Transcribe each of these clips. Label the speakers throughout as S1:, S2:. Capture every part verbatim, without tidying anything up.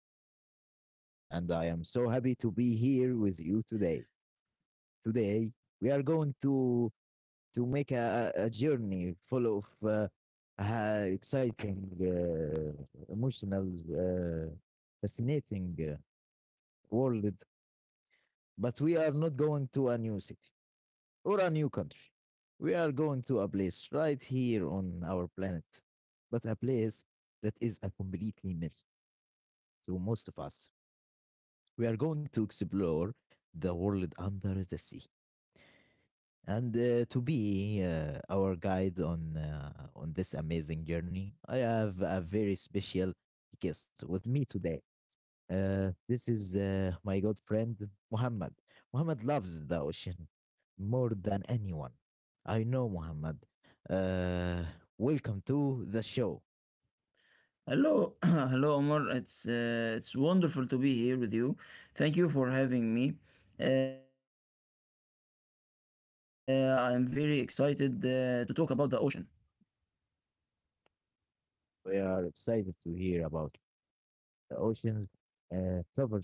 S1: My name is Omar and I am so happy to be here with you today. Today we are going to to make a, a a journey full of uh, uh, exciting, uh, emotional, uh, fascinating uh, world. But we are not going to a new city or a new country. We are going to a place right here on our planet, but a place that is a completely mess to most of us. We are going to explore the world under the sea. And uh, to be uh, our guide on uh, on this amazing journey, I have a very special guest with me today. Uh, this is uh, my good friend Muhammad. Muhammad loves the ocean more than anyone. I know Muhammad. Uh, Welcome to the show.
S2: Hello, hello, Omar. It's uh, it's wonderful to be here with you. Thank you for having me. Uh, I'm very excited uh, to talk about the ocean.
S1: We are excited to hear about. The oceans uh, cover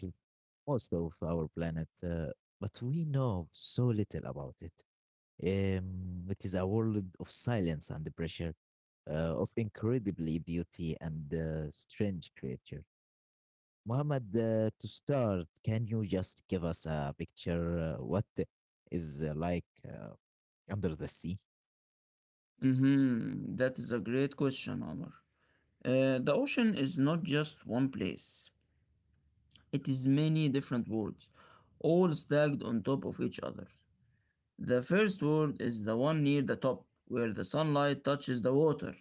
S1: most of our planet, uh, but we know so little about it. Um, it is a world of silence and pressure, uh, of incredibly beauty and uh, strange creature. Mohammed, uh, to start, can you just give us a picture uh, what is uh, like uh, under the sea?
S2: Mm-hmm. That is a great question, Omar. Uh, the ocean is not just one place. It is many different worlds, all stacked on top of each other. The first world is the one near the top, where the sunlight touches the water.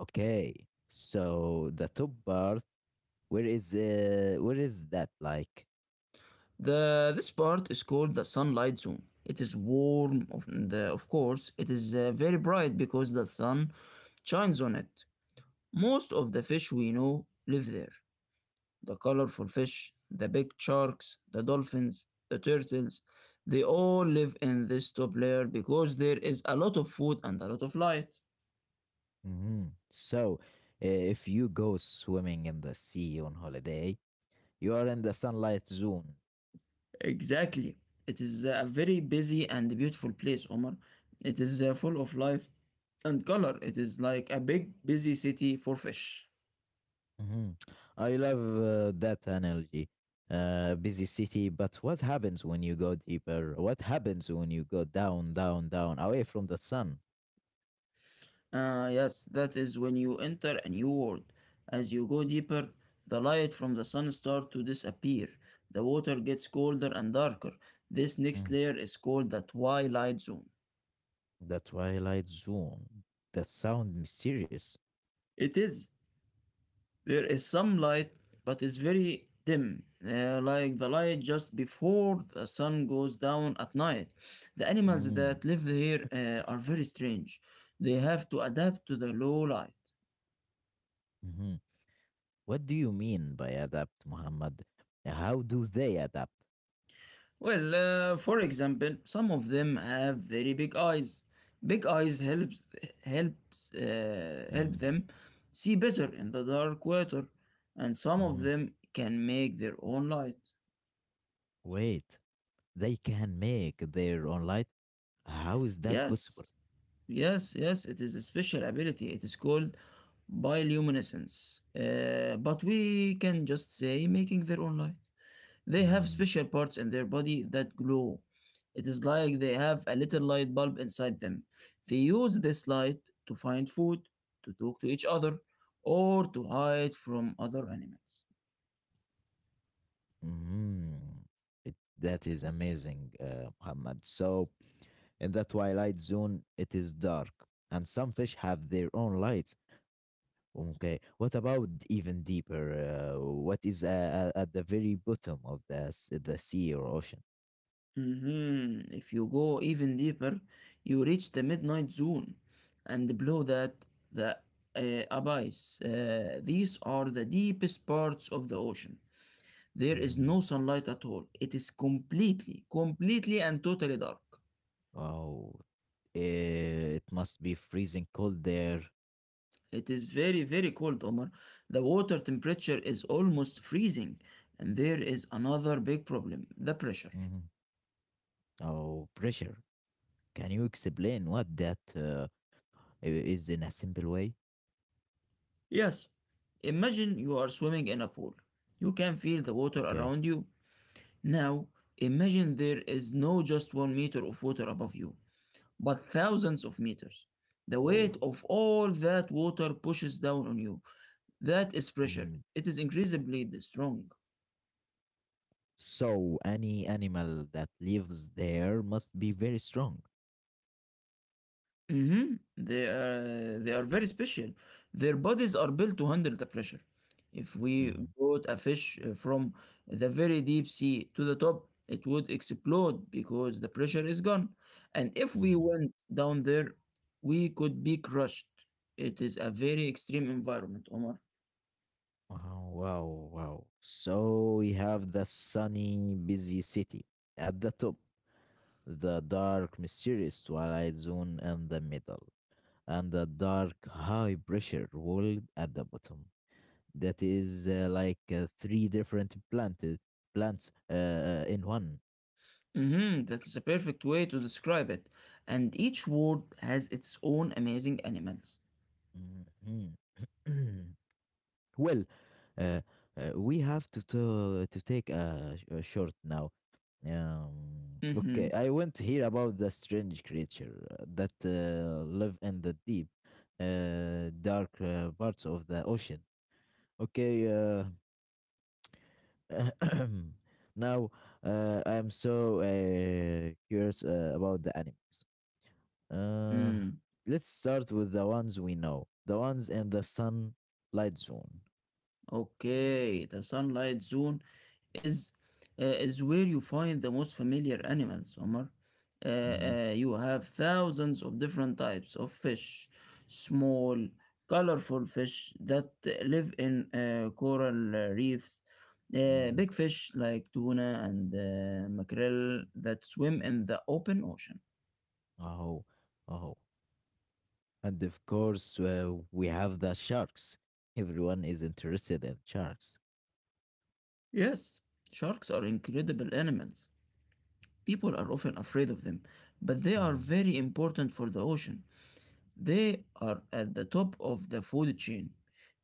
S1: Okay, so the top part, where is uh, where is that like?
S2: The this part is called the sunlight zone. It is warm, of, and, uh, of course. It is uh, very bright because the sun shines on it. Most of the fish we know live there. The colorful fish, the big sharks, the dolphins, the turtles, they all live in this top layer because there is a lot of food and a lot of light.
S1: hmm So, uh, if you go swimming in the sea on holiday, you are in the sunlight zone.
S2: Exactly. It is a very busy and beautiful place, Omar. It is uh, full of life and color. It is like a big, busy city for fish.
S1: hmm I love uh, that analogy. Uh, busy city, but what happens when you go deeper? What happens when you go down, down, down, away from the sun?
S2: Ah, yes, that is when you enter a new world. As you go deeper, the light from the sun starts to disappear. The water gets colder and darker. This next
S1: Mm.
S2: layer is called the twilight zone.
S1: The twilight zone. That sound mysterious.
S2: It is. There is some light, but it's very dim, uh, like the light just before the sun goes down at night. The animals
S1: Mm.
S2: that live here uh, are very strange. They have to adapt to the low light.
S1: Mm-hmm. What do you mean by adapt, Muhammad? How do they adapt?
S2: Well, uh, for example, some of them have very big eyes. Big eyes helps helps uh, help
S1: Mm.
S2: them see better in the dark water, and some of
S1: Mhm.
S2: them can make their own light.
S1: Wait, they can make their own light? How is that possible?
S2: Yes, Yes, yes, it is a special ability. It is called bioluminescence. Uh, but we can just say making their own light. They have
S1: Mm.
S2: special parts in their body that glow. It is like they have a little light bulb inside them. They use this light to find food, to talk to each other, or to hide from other animals.
S1: Mhm. It, that is amazing, uh, Muhammad. So, in the twilight zone, it is dark, and some fish have their own lights. Okay, what about even deeper? Uh, what is uh, uh, at the very bottom of the, s- the sea or ocean?
S2: Mhm. If you go even deeper, you reach the midnight zone and below that, the uh, abyss. Uh, these are the deepest parts of the ocean. There is no
S1: Mm-hmm.
S2: sunlight at all. It is completely, completely and totally dark.
S1: Oh, eh, it must be freezing cold there.
S2: It is very, very cold, Omar. The water temperature is almost freezing. And there is another big problem, the pressure.
S1: Mhm. Oh, pressure. Can you explain what that uh, i- is in a simple way?
S2: Yes, imagine you are swimming in a pool. You can feel the water
S1: Okay.
S2: around you. Now, imagine there is no just one meter of water above you, but thousands of meters. The weight
S1: Oh.
S2: of all that water pushes down on you. That is pressure.
S1: Mm.
S2: It is increasingly strong.
S1: So any animal that lives there must be very strong.
S2: Mhm. They are they are very special. Their bodies are built to handle the pressure. If we
S1: Mhm.
S2: brought a fish uh, from the very deep sea to the top, it would explode because the pressure is gone. And if we
S1: Mhm.
S2: went down there, we could be crushed. It is a very extreme environment, Omar.
S1: Wow, wow, wow. So we have the sunny, busy city at the top, the dark, mysterious twilight zone in the middle, and the dark high pressure world at the bottom. That is uh, like uh, three different planted plants uh, uh, in one.
S2: Mm-hmm, that is a perfect way to describe it. And each world has its own amazing animals.
S1: Mhm. Well, uh, uh, we have to to, to take a, sh- a short now. Um, okay,
S2: Mm-hmm.
S1: I want to hear about the strange creature uh, that uh, live in the deep, uh, dark uh, parts of the ocean. Okay, uh, now, uh, I'm so uh, curious uh, about the animals. Uh, let's start with the ones we know, the ones in the sunlight zone.
S2: Okay, the sunlight zone is uh, is where you find the most familiar animals, Omar. Uh,
S1: Mm-hmm.
S2: uh, you have thousands of different types of fish, small, colorful fish that live in uh, coral uh, reefs, uh,
S1: Mm-hmm.
S2: big fish like tuna and uh, mackerel that swim in the open ocean.
S1: Oh, oh. And of course, uh, we have the sharks. Everyone is interested in sharks.
S2: Yes, sharks are incredible animals. People are often afraid of them, but they are
S1: Mm-hmm.
S2: very important for the ocean. They are at the top of the food chain.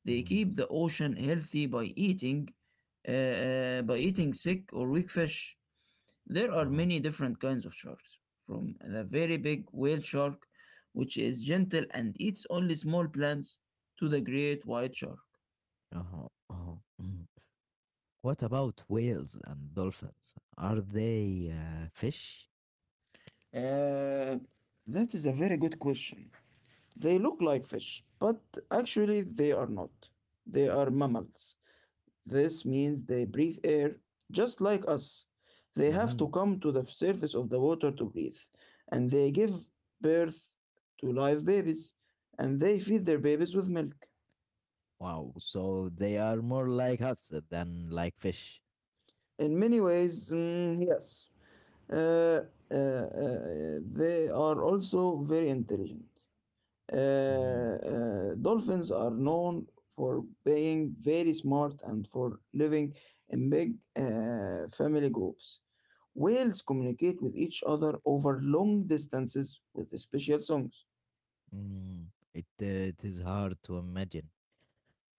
S2: They
S1: Mm-hmm.
S2: keep the ocean healthy by eating uh, uh, by eating sick or weak fish. There are
S1: Uh-huh.
S2: many different kinds of sharks, from the very big whale shark, which is gentle and eats only small plants, to the great white shark.
S1: Uh-huh. Uh-huh. Mhm. What about whales and dolphins? Are they uh, fish?
S2: Uh, that is a very good question. They look like fish, but actually they are not. They are mammals. This means they breathe air just like us. They have
S1: Mm-hmm.
S2: to come to the surface of the water to breathe, and they give birth to live babies, and they feed their babies with milk.
S1: Wow. So they are more like us than like fish.
S2: In many ways, mm, yes, uh, uh, uh, they are also very intelligent. Uh,
S1: Mhm.
S2: uh, dolphins are known for being very smart and for living in big uh, family groups. Whales communicate with each other over long distances with special songs.
S1: Mhm. It, uh, it is hard to imagine.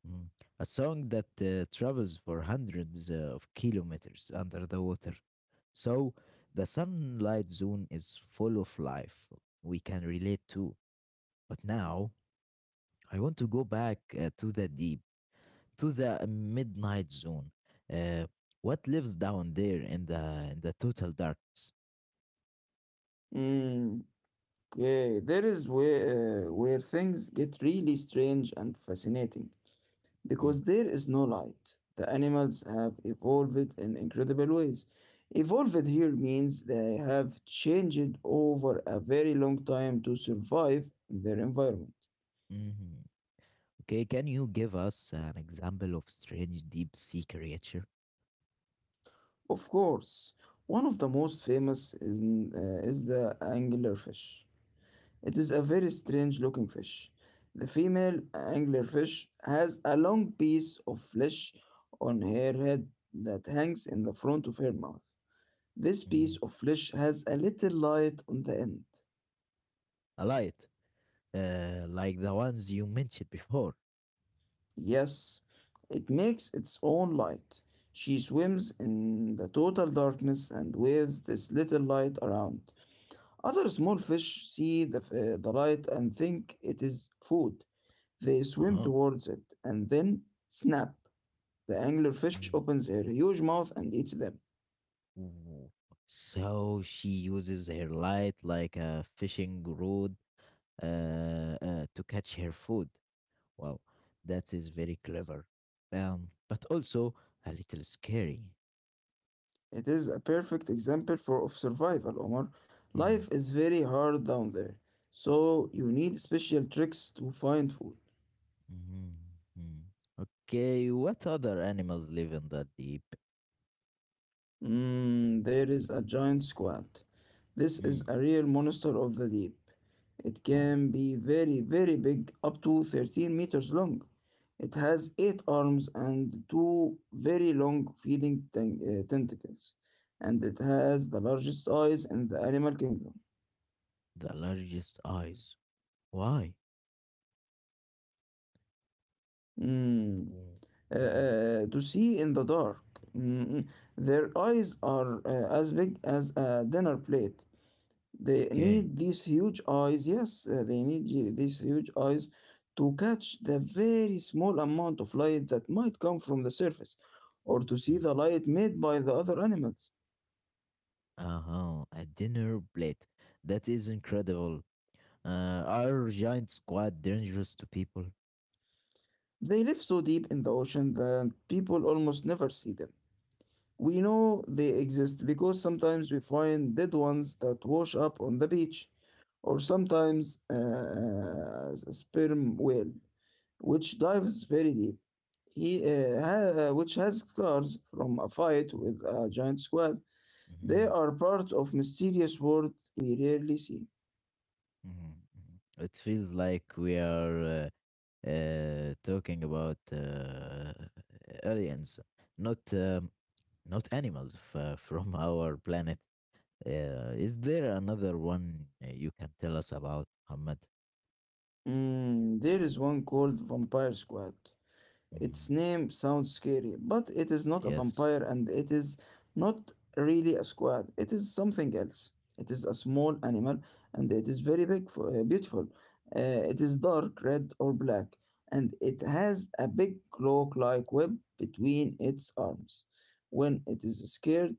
S1: Mm. A song that uh, travels for hundreds uh, of kilometers under the water. So the sunlight zone is full of life. We can relate to. But now I want to go back uh, to the deep, to the midnight zone. Uh, what lives down there in the in the total darkness?
S2: Mm, okay, there is where, uh, where things get really strange and fascinating. Because there is no light, the animals have evolved in incredible ways. Evolved here means they have changed over a very long time to survive in their environment.
S1: Mm. Okay, can you give us an example of strange deep sea creature?
S2: Of course, one of the most famous is, uh, is the anglerfish. It is a very strange looking fish. The female anglerfish has a long piece of flesh on her head that hangs in the front of her mouth. This piece
S1: Mhm.
S2: of flesh has a little light on the end.
S1: I like it. Uh, like the ones you mentioned before.
S2: Yes, it makes its own light. She swims in the total darkness and waves this little light around. Other small fish see the, f- the light and think it is food. They swim
S1: Uh-huh.
S2: towards it and then snap. The anglerfish
S1: Mm.
S2: opens her huge mouth and eats them.
S1: Ooh. So she uses her light like a fishing rod uh, uh, to catch her food. Wow, that is very clever. Um, but also a little scary.
S2: It is a perfect example for of survival, Omar.
S1: Mm.
S2: Life is very hard down there, so you need special tricks to find food.
S1: Mhm. Mm. Okay, what other animals live in the deep?
S2: Mm, there is a giant squid. This is
S1: Mm.
S2: a real monster of the deep. It
S1: Oh.
S2: can be very, very big, up to thirteen meters long. It has eight arms and two very long feeding ten- uh, tentacles, and it has the largest eyes in the animal kingdom.
S1: The largest eyes. Why?
S2: Mm. Uh,
S1: Mm-hmm.
S2: uh, to see in the dark. Mm, mm. Their eyes are uh, as big as a dinner plate. They need
S1: Okay.
S2: these huge eyes, yes, uh, they need y- these huge eyes to catch the very small amount of light that might come from the surface, or to see
S1: Mm.
S2: the light made by the other animals.
S1: Uh-huh. A dinner plate. That is incredible. Uh, are giants quite dangerous to people?
S2: They live so deep in the ocean that people almost never see them. We know they exist because sometimes we find dead ones that wash up on the beach, or sometimes uh, a sperm whale, which dives very deep, he, uh, ha- uh, which has scars from a fight with a giant squid. They
S1: Mm-hmm.
S2: are part of mysterious world we rarely see.
S1: hmm It feels like we are uh, uh, talking about uh, aliens, not um, not animals f- uh, from our planet. Uh, is there another one uh, you can tell us about, Ahmed?
S2: Mm, there is one called Vampire Squad.
S1: hmm
S2: Its name sounds scary, but it is not a
S1: Yes.
S2: vampire and it is not really a squid. It is something else. It is a small animal and it is very big, for, uh, beautiful. Uh, it is dark red or black and it has a big cloak like web between its arms. When it is scared,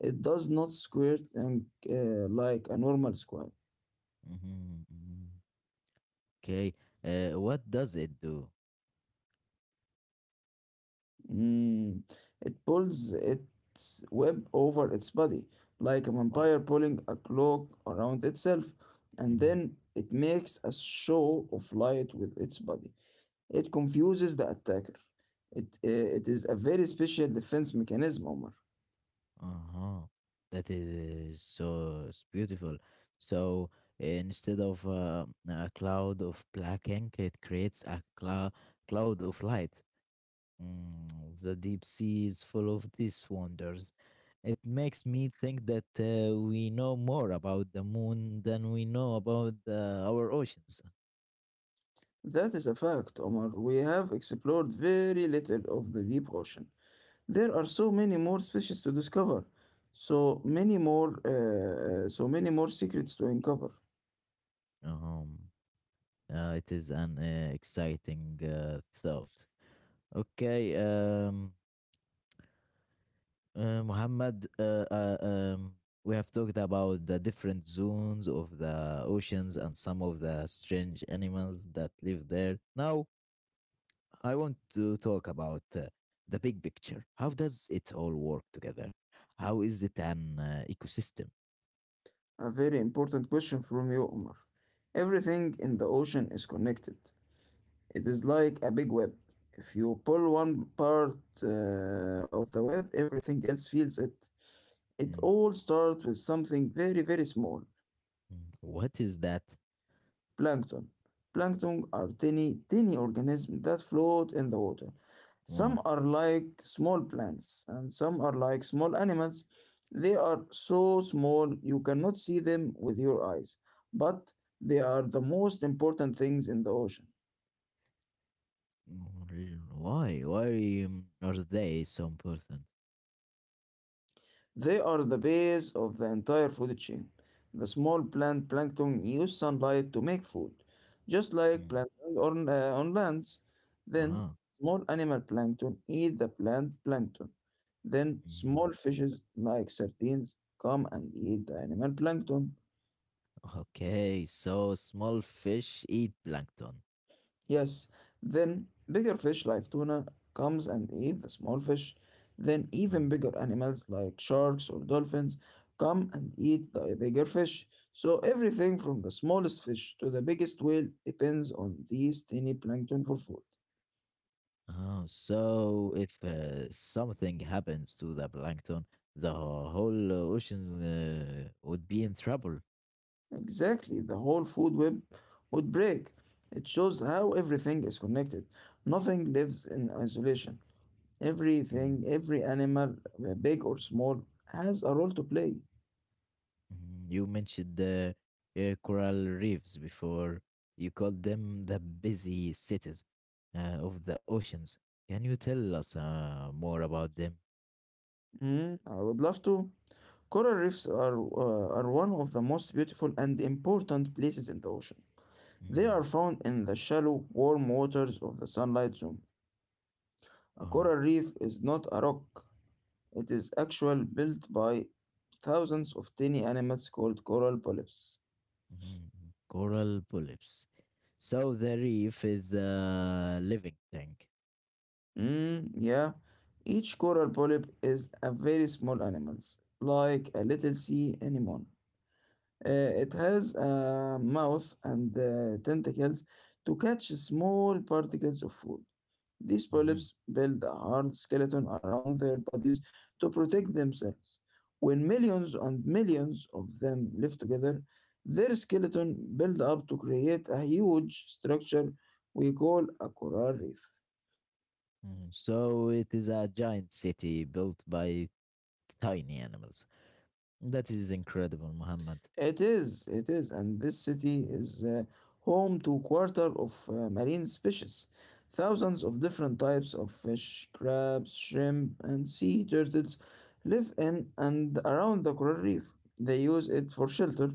S2: it does not squirt and, uh, like a normal squid.
S1: Mhm, mhm. Okay. Uh, what does it do?
S2: Mm, it pulls its web over its body, like a
S1: Wow.
S2: vampire pulling a cloak around itself, and
S1: hmm
S2: then it makes a show of light with its body. It confuses the attacker. It, uh, it is a very special defense mechanism, Omar.
S1: Uh-huh. That is so s- beautiful. So instead of uh, a cloud of black ink, it creates a clou- cloud of light. Mm, the deep sea is full of these wonders. It makes me think that uh, we know more about the moon than we know about uh, our oceans.
S2: That is a fact, Omar. We have explored very little of the deep ocean. There are so many more species to discover, so many more, uh, so many more secrets to uncover.
S1: Uh-huh. Uh, it is an uh, exciting uh, thought. Okay, um, uh, Muhammad, uh, uh, um, we have talked about the different zones of the oceans and some of the strange animals that live there. Now, I want to talk about uh, the big picture. How does it all work together? How is it an uh, ecosystem?
S2: A very important question from you, Omar. Everything in the ocean is connected. It is like a big web. If you pull one part uh, of the web, everything else feels it. It
S1: Mm,
S2: all starts with something very, very small.
S1: mm. What is that?
S2: Plankton. Plankton are tiny, tiny organisms that float in the water. Some
S1: Oh.
S2: are like small plants and some are like small animals. They are so small you cannot see them with your eyes, but they are the most important things in the ocean.
S1: mm, Reason. Why? Why um, are they so important?
S2: They are the base of the entire food chain. The small plant plankton use sunlight to make food, just like
S1: Mm.
S2: plants on, uh, on lands. Then,
S1: Uh-huh.
S2: small animal plankton eat the plant plankton. Then,
S1: Mm.
S2: small fishes like sardines come and eat the animal plankton.
S1: Okay, so small fish eat plankton.
S2: Yes, then bigger fish like tuna comes and eat the small fish. Then
S1: Mm.
S2: even bigger animals like sharks or dolphins come and eat the bigger fish. So everything from the smallest fish to the biggest whale depends on these tiny plankton for food.
S1: Oh, so if uh, something happens to the plankton, the whole ocean uh, would be in trouble.
S2: Exactly, the whole food web would break. It shows how everything is connected. Nothing lives in isolation.
S1: Mm.
S2: Everything, every animal, uh, big or small, has a role to play.
S1: Mhm. You mentioned the uh, coral reefs before. You called them the busy cities uh, of the oceans. Can you tell us uh, more about them?
S2: Mm, I would love to. Coral reefs are, uh, are one of the most beautiful and important places in the ocean. They are
S1: Mhm.
S2: found in the shallow, warm waters of the sunlight zone. A
S1: Oh.
S2: coral reef is not a rock, it is actually built by thousands of tiny animals called coral polyps.
S1: mhm. Coral polyps. So the reef is a living tank.
S2: Mm, yeah, each coral polyp is a very small animal, like a little sea anemone. Uh, it has a mouth and uh, tentacles to catch small particles of food. These
S1: Mhm.
S2: polyps build a hard skeleton around their bodies to protect themselves. When millions and millions of them live together, their skeleton build up to create a huge structure we call a coral reef.
S1: Mhm. So it is a giant city built by tiny animals. That is incredible, Muhammad.
S2: It is, it is, and this city is uh, home to a quarter of uh, marine species, thousands of different types of fish, crabs, shrimp, and sea turtles live in and around the coral reef. They use it for shelter,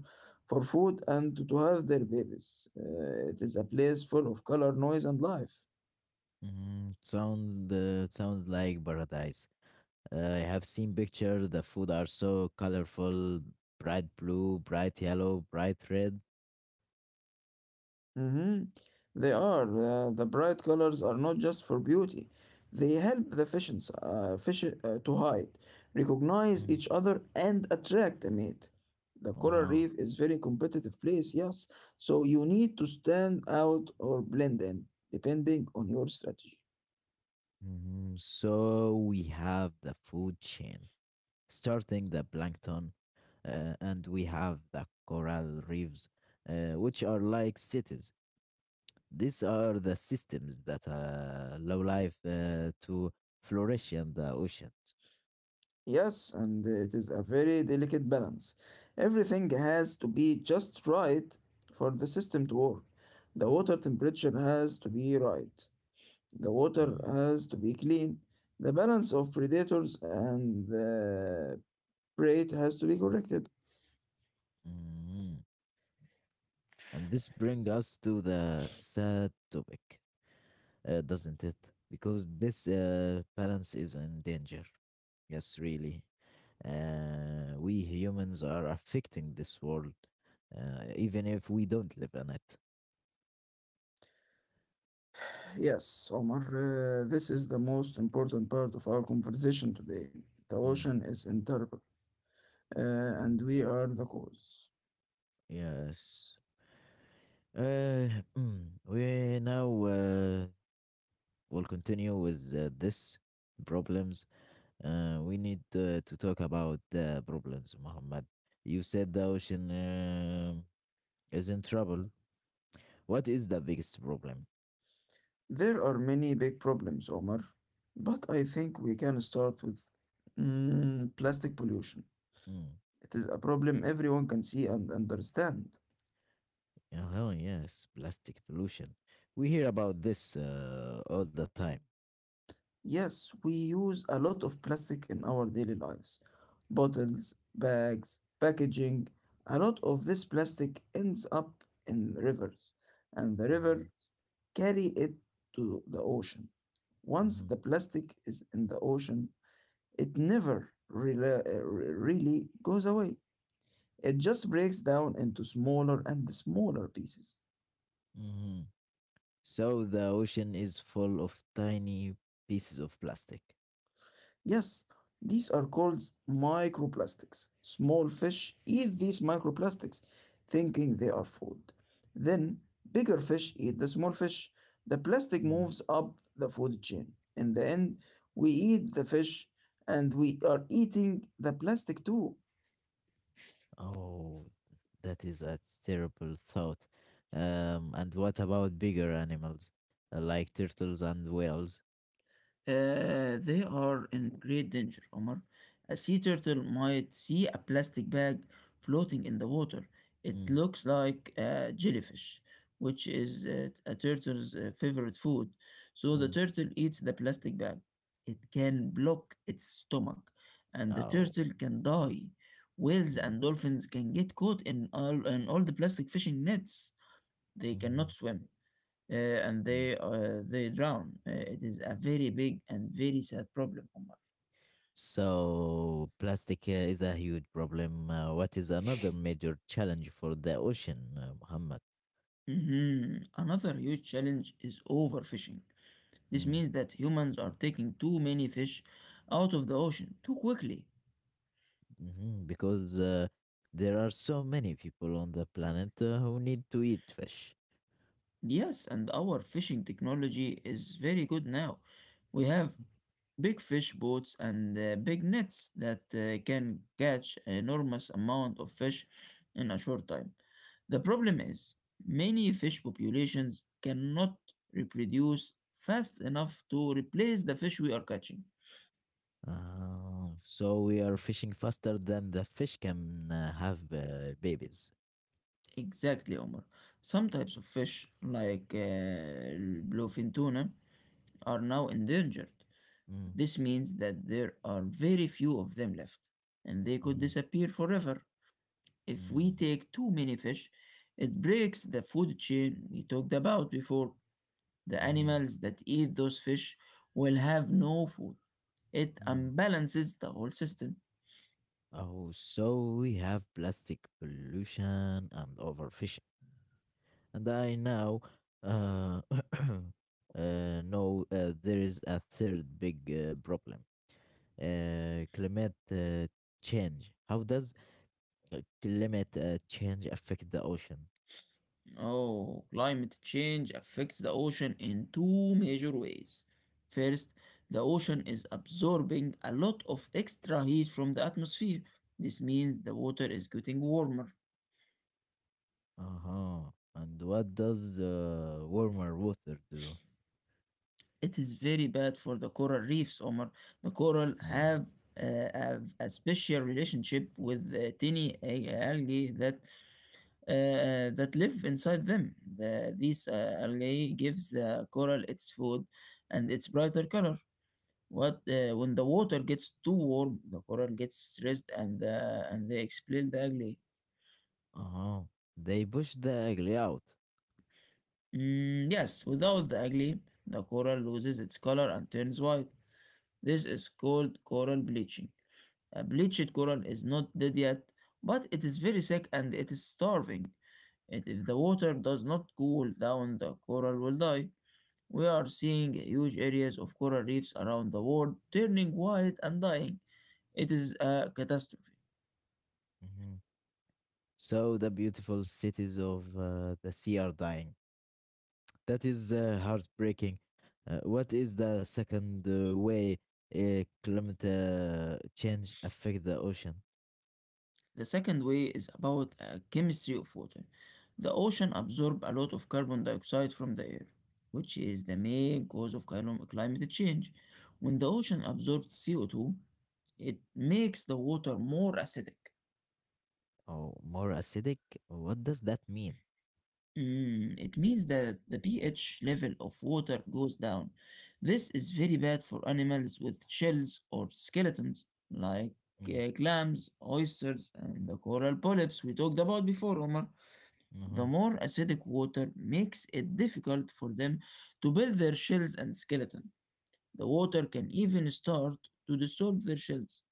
S2: for food, and to have their babies. Uh, it is a place full of color, noise, and life.
S1: Mhm. Sound uh, sounds like paradise. Uh, I have seen pictures. The food are so colorful, bright blue, bright yellow, bright red.
S2: Mm-hmm. They are. Uh, the bright colors are not just for beauty. They help the fishes, uh, fish uh, to hide, recognize
S1: Mm.
S2: each other, and attract a mate. The coral
S1: Uh-huh.
S2: reef is very competitive place, yes. So you need to stand out or blend in, depending on your strategy.
S1: Mhm. So we have the food chain, starting the plankton, uh, and we have the coral reefs, uh, which are like cities. These are the systems that uh, allow life uh, to flourish in the oceans.
S2: Yes, and it is a very delicate balance. Everything has to be just right for the system to work. The water temperature has to be right. The water
S1: Mm.
S2: has to be clean. The balance of predators and uh, prey has to be corrected.
S1: Mhm. And this brings us to the sad topic uh, doesn't it? Because this uh, balance is in danger. Yes, really. Uh, we humans are affecting this world, uh, even if we don't live in it.
S2: Yes, Omar, uh, this is the most important part of our conversation today. The
S1: Mm,
S2: ocean is interrupted, uh,
S1: mm,
S2: and we are the cause.
S1: yes. Uh, mm, we now uh, will continue with uh, this problems. Uh, we need uh, to talk about the problems, Muhammad. You said the ocean uh, is in trouble. What is the biggest problem?
S2: There are many big problems, Omar, but I think we can start with mm, plastic pollution.
S1: Mm.
S2: It is a problem everyone can see and understand.
S1: Oh, yes, plastic pollution. We hear about this uh, all the time.
S2: Yes, we use a lot of plastic in our daily lives. Bottles, bags, packaging. A lot of this plastic ends up in rivers, and the
S1: Mhm,
S2: river carry it to the ocean. Once
S1: mhm,
S2: the plastic is in the ocean, it never really, really goes away. It just breaks down into smaller and smaller pieces.
S1: mhm. So the ocean is full of tiny pieces of plastic.
S2: Yes, these are called microplastics. Small fish eat these microplastics, thinking they are food. Then, bigger fish eat the small fish. The plastic
S1: Mm.
S2: moves up the food chain. In the end, we eat the fish and we are eating the plastic too.
S1: Oh, that is a terrible thought. Um, and what about bigger animals uh, like turtles and whales?
S2: Uh, they are in great danger, Omar. A sea turtle might see a plastic bag floating in the water. It
S1: Mm,
S2: looks like a jellyfish, which is uh, a turtle's uh, favorite food. So the
S1: mm.
S2: turtle eats the plastic bag. It can block its stomach, and the
S1: Oh.
S2: turtle can die. Whales
S1: Mm,
S2: and dolphins can get caught in all, in all the plastic fishing nets. They cannot swim uh, and
S1: mhm.
S2: they uh, they drown. Uh, it is a very big and very sad problem, Omar.
S1: So, plastic uh, is a huge problem. Uh, what is another major challenge for the ocean, uh, Muhammad?
S2: Mhm. Another huge challenge is overfishing. This
S1: Mm,
S2: means that humans are taking too many fish out of the ocean too quickly.
S1: mhm. Because uh, there are so many people on the planet uh, who need to eat fish.
S2: Yes, and our fishing technology is very good now. We have big fish boats and uh, big nets that uh, can catch an enormous amount of fish in a short time. The problem
S1: Mm.
S2: is many fish populations cannot reproduce fast enough to replace the fish we are catching.
S1: Uh, so, we are fishing faster than the fish can uh, have uh, babies.
S2: Exactly, Omar. Some types of fish, like uh, bluefin tuna, are now endangered.
S1: Mm,
S2: This means that there are very few of them left, and they could
S1: mhm,
S2: disappear forever. If we
S1: mm,
S2: take too many fish, it breaks the food chain we talked about before. The
S1: mhm,
S2: animals that eat those fish will have no food. It
S1: mm.
S2: unbalances the whole system.
S1: Oh, so we have plastic pollution and overfishing, and I now uh, uh, know uh, there is a third big uh, problem: uh, climate uh, change. How does uh, climate uh, change affect the ocean?
S2: Oh, climate change affects the ocean in two major ways. First, the ocean is absorbing a lot of extra heat from the atmosphere. This means the water is getting warmer.
S1: Uh huh. And what does uh, warmer water do?
S2: It is very bad for the coral reefs, Omar. The coral
S1: Oh.
S2: have uh, have a special relationship with the tiny a- algae that uh, uh, that live inside them. The, these uh, algae gives the coral its food and its brighter color. What uh, when the water gets too warm, the coral gets stressed and uh, and they expel the algae.
S1: Uh huh. They push the ugly out.
S2: Mm, yes, without the algae, the coral loses its color and turns white. This is called coral bleaching. A bleached coral is not dead yet, but it is very sick and it is starving. And if the water does not cool down, the coral will die. We are seeing huge areas of coral reefs around the world turning white and dying. It is a catastrophe.
S1: Mhm. So the beautiful cities of uh, the sea are dying. That is uh, heartbreaking. Uh, what is the second uh, way uh, climate uh, change affect the ocean?
S2: The second way is about uh, chemistry of water. The ocean absorb a lot of carbon dioxide from the air, which is the main cause of clima- climate change. When the ocean absorbs C O two, it makes the water more acidic.
S1: Oh, more acidic? What does that mean?
S2: Mm, it means that the pH level of water goes down. This is very bad for animals with shells or skeletons, like
S1: Mm.
S2: uh, clams, oysters, and the coral polyps we talked about before, Omar.
S1: Mhm.
S2: The more acidic water makes it difficult for them to build their shells and skeleton. The water can even start to dissolve their shells.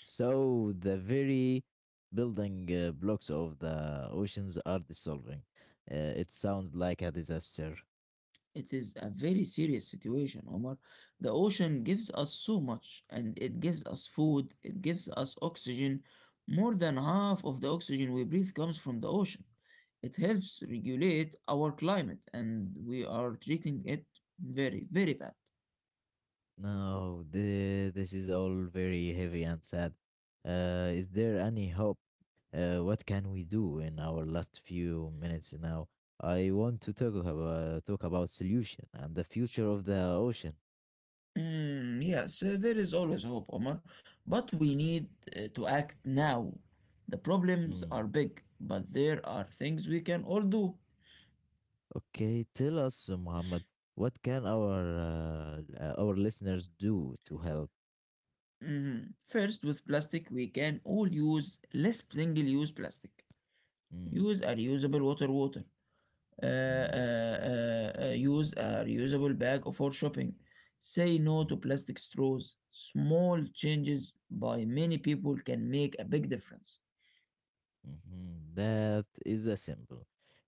S1: So the very building uh, blocks of the oceans are dissolving. Uh, it sounds like a disaster.
S2: It is a very serious situation, Omar. The ocean gives us so much, and it gives us food, it gives us oxygen. More than half of the oxygen we breathe comes from the ocean. It helps regulate our climate, and we are treating it very, very bad.
S1: No, the, This is all very heavy and sad. Uh, is there any hope? Uh, what can we do in our last few minutes now? I want to talk about, talk about solution and the future of the ocean.
S2: Mm, yes, uh, there is always hope, Omar, but we need uh, to act now. The problems are
S1: Mm.
S2: big, but there are things we can all do.
S1: Okay, tell us, uh, Muhammad, what can our uh, uh, our listeners do to help?
S2: Mhm. First, with plastic, we can all use less single-use plastic.
S1: Mm,
S2: Use a reusable water water. Uh,
S1: mm,
S2: uh, uh, uh, use a reusable bag for shopping. Say no
S1: mm,
S2: to plastic straws. Small changes by many people can make a big difference.
S1: mhm. That is a simple,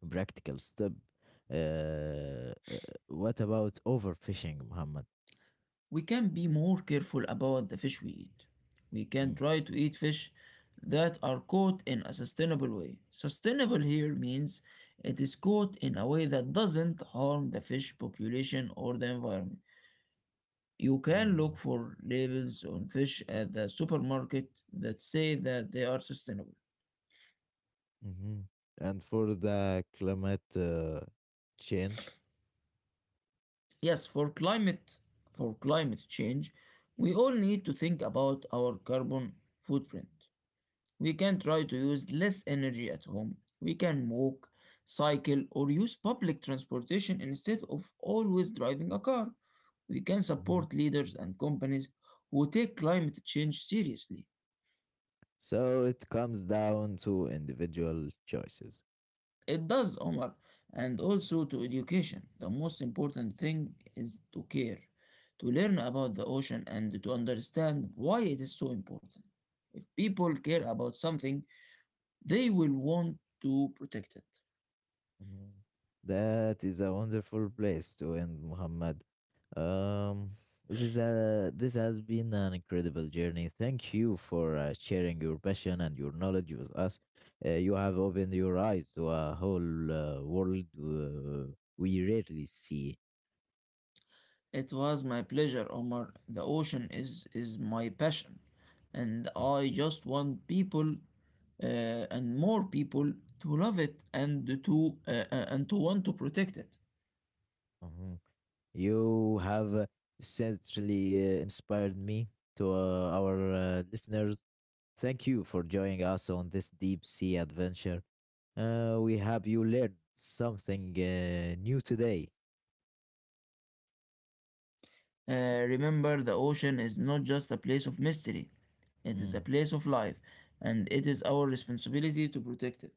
S1: practical step. Uh, uh, what about overfishing, Muhammad?
S2: We can be more careful about the fish we eat. We can
S1: Mm,
S2: try to eat fish that are caught in a sustainable way. Sustainable here means it is caught in a way that doesn't harm the fish population or the environment. You can look
S1: mhm.
S2: for labels on fish at the supermarket that say that they are sustainable.
S1: hmm And for the climate uh, change,
S2: Yes, for climate for climate change, we all need to think about our carbon footprint. We can try to use less energy at home. We can walk, cycle, or use public transportation instead of always driving a car. We can
S1: mhm,
S2: support leaders and companies who take climate change seriously.
S1: so it comes down to individual choices.
S2: It does, Omar, and also to education. The most important thing is to care, to learn about the ocean and to understand why it is so important. If people care about something, they will want to protect it.
S1: Mhm. That is a wonderful place to end, Muhammad. Um, this is a, this has been an incredible journey. Thank you for uh, sharing your passion and your knowledge with us. Uh, you have opened your eyes to a whole uh, world uh, we rarely see.
S2: It was my pleasure, Omar. The ocean is is my passion, and
S1: Mm.
S2: I just want people uh, and more people to love it and to uh, uh, and to want to protect it.
S1: Mhm. You have certainly uh, inspired me to uh, our uh, listeners. Thank you for joining us on this deep sea adventure. Uh, we hope you learned something uh, new today.
S2: Uh, remember, the ocean is not just a place of mystery; it is a
S1: Mm.
S2: place of life, and it is our responsibility to protect it.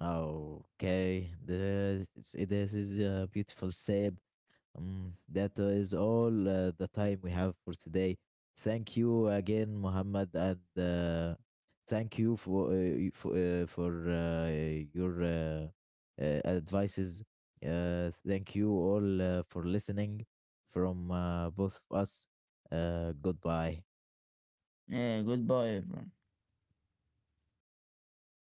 S1: Okay, this, this is uh, beautiful said. Um, that uh, is all uh, the time we have for today. Thank you again, Muhammad, and uh, thank you for uh, y- for, uh, for uh, your uh, uh, advices. Uh, thank you all uh, for listening from uh, both of us. Uh, goodbye.
S2: Uh, goodbye, everyone.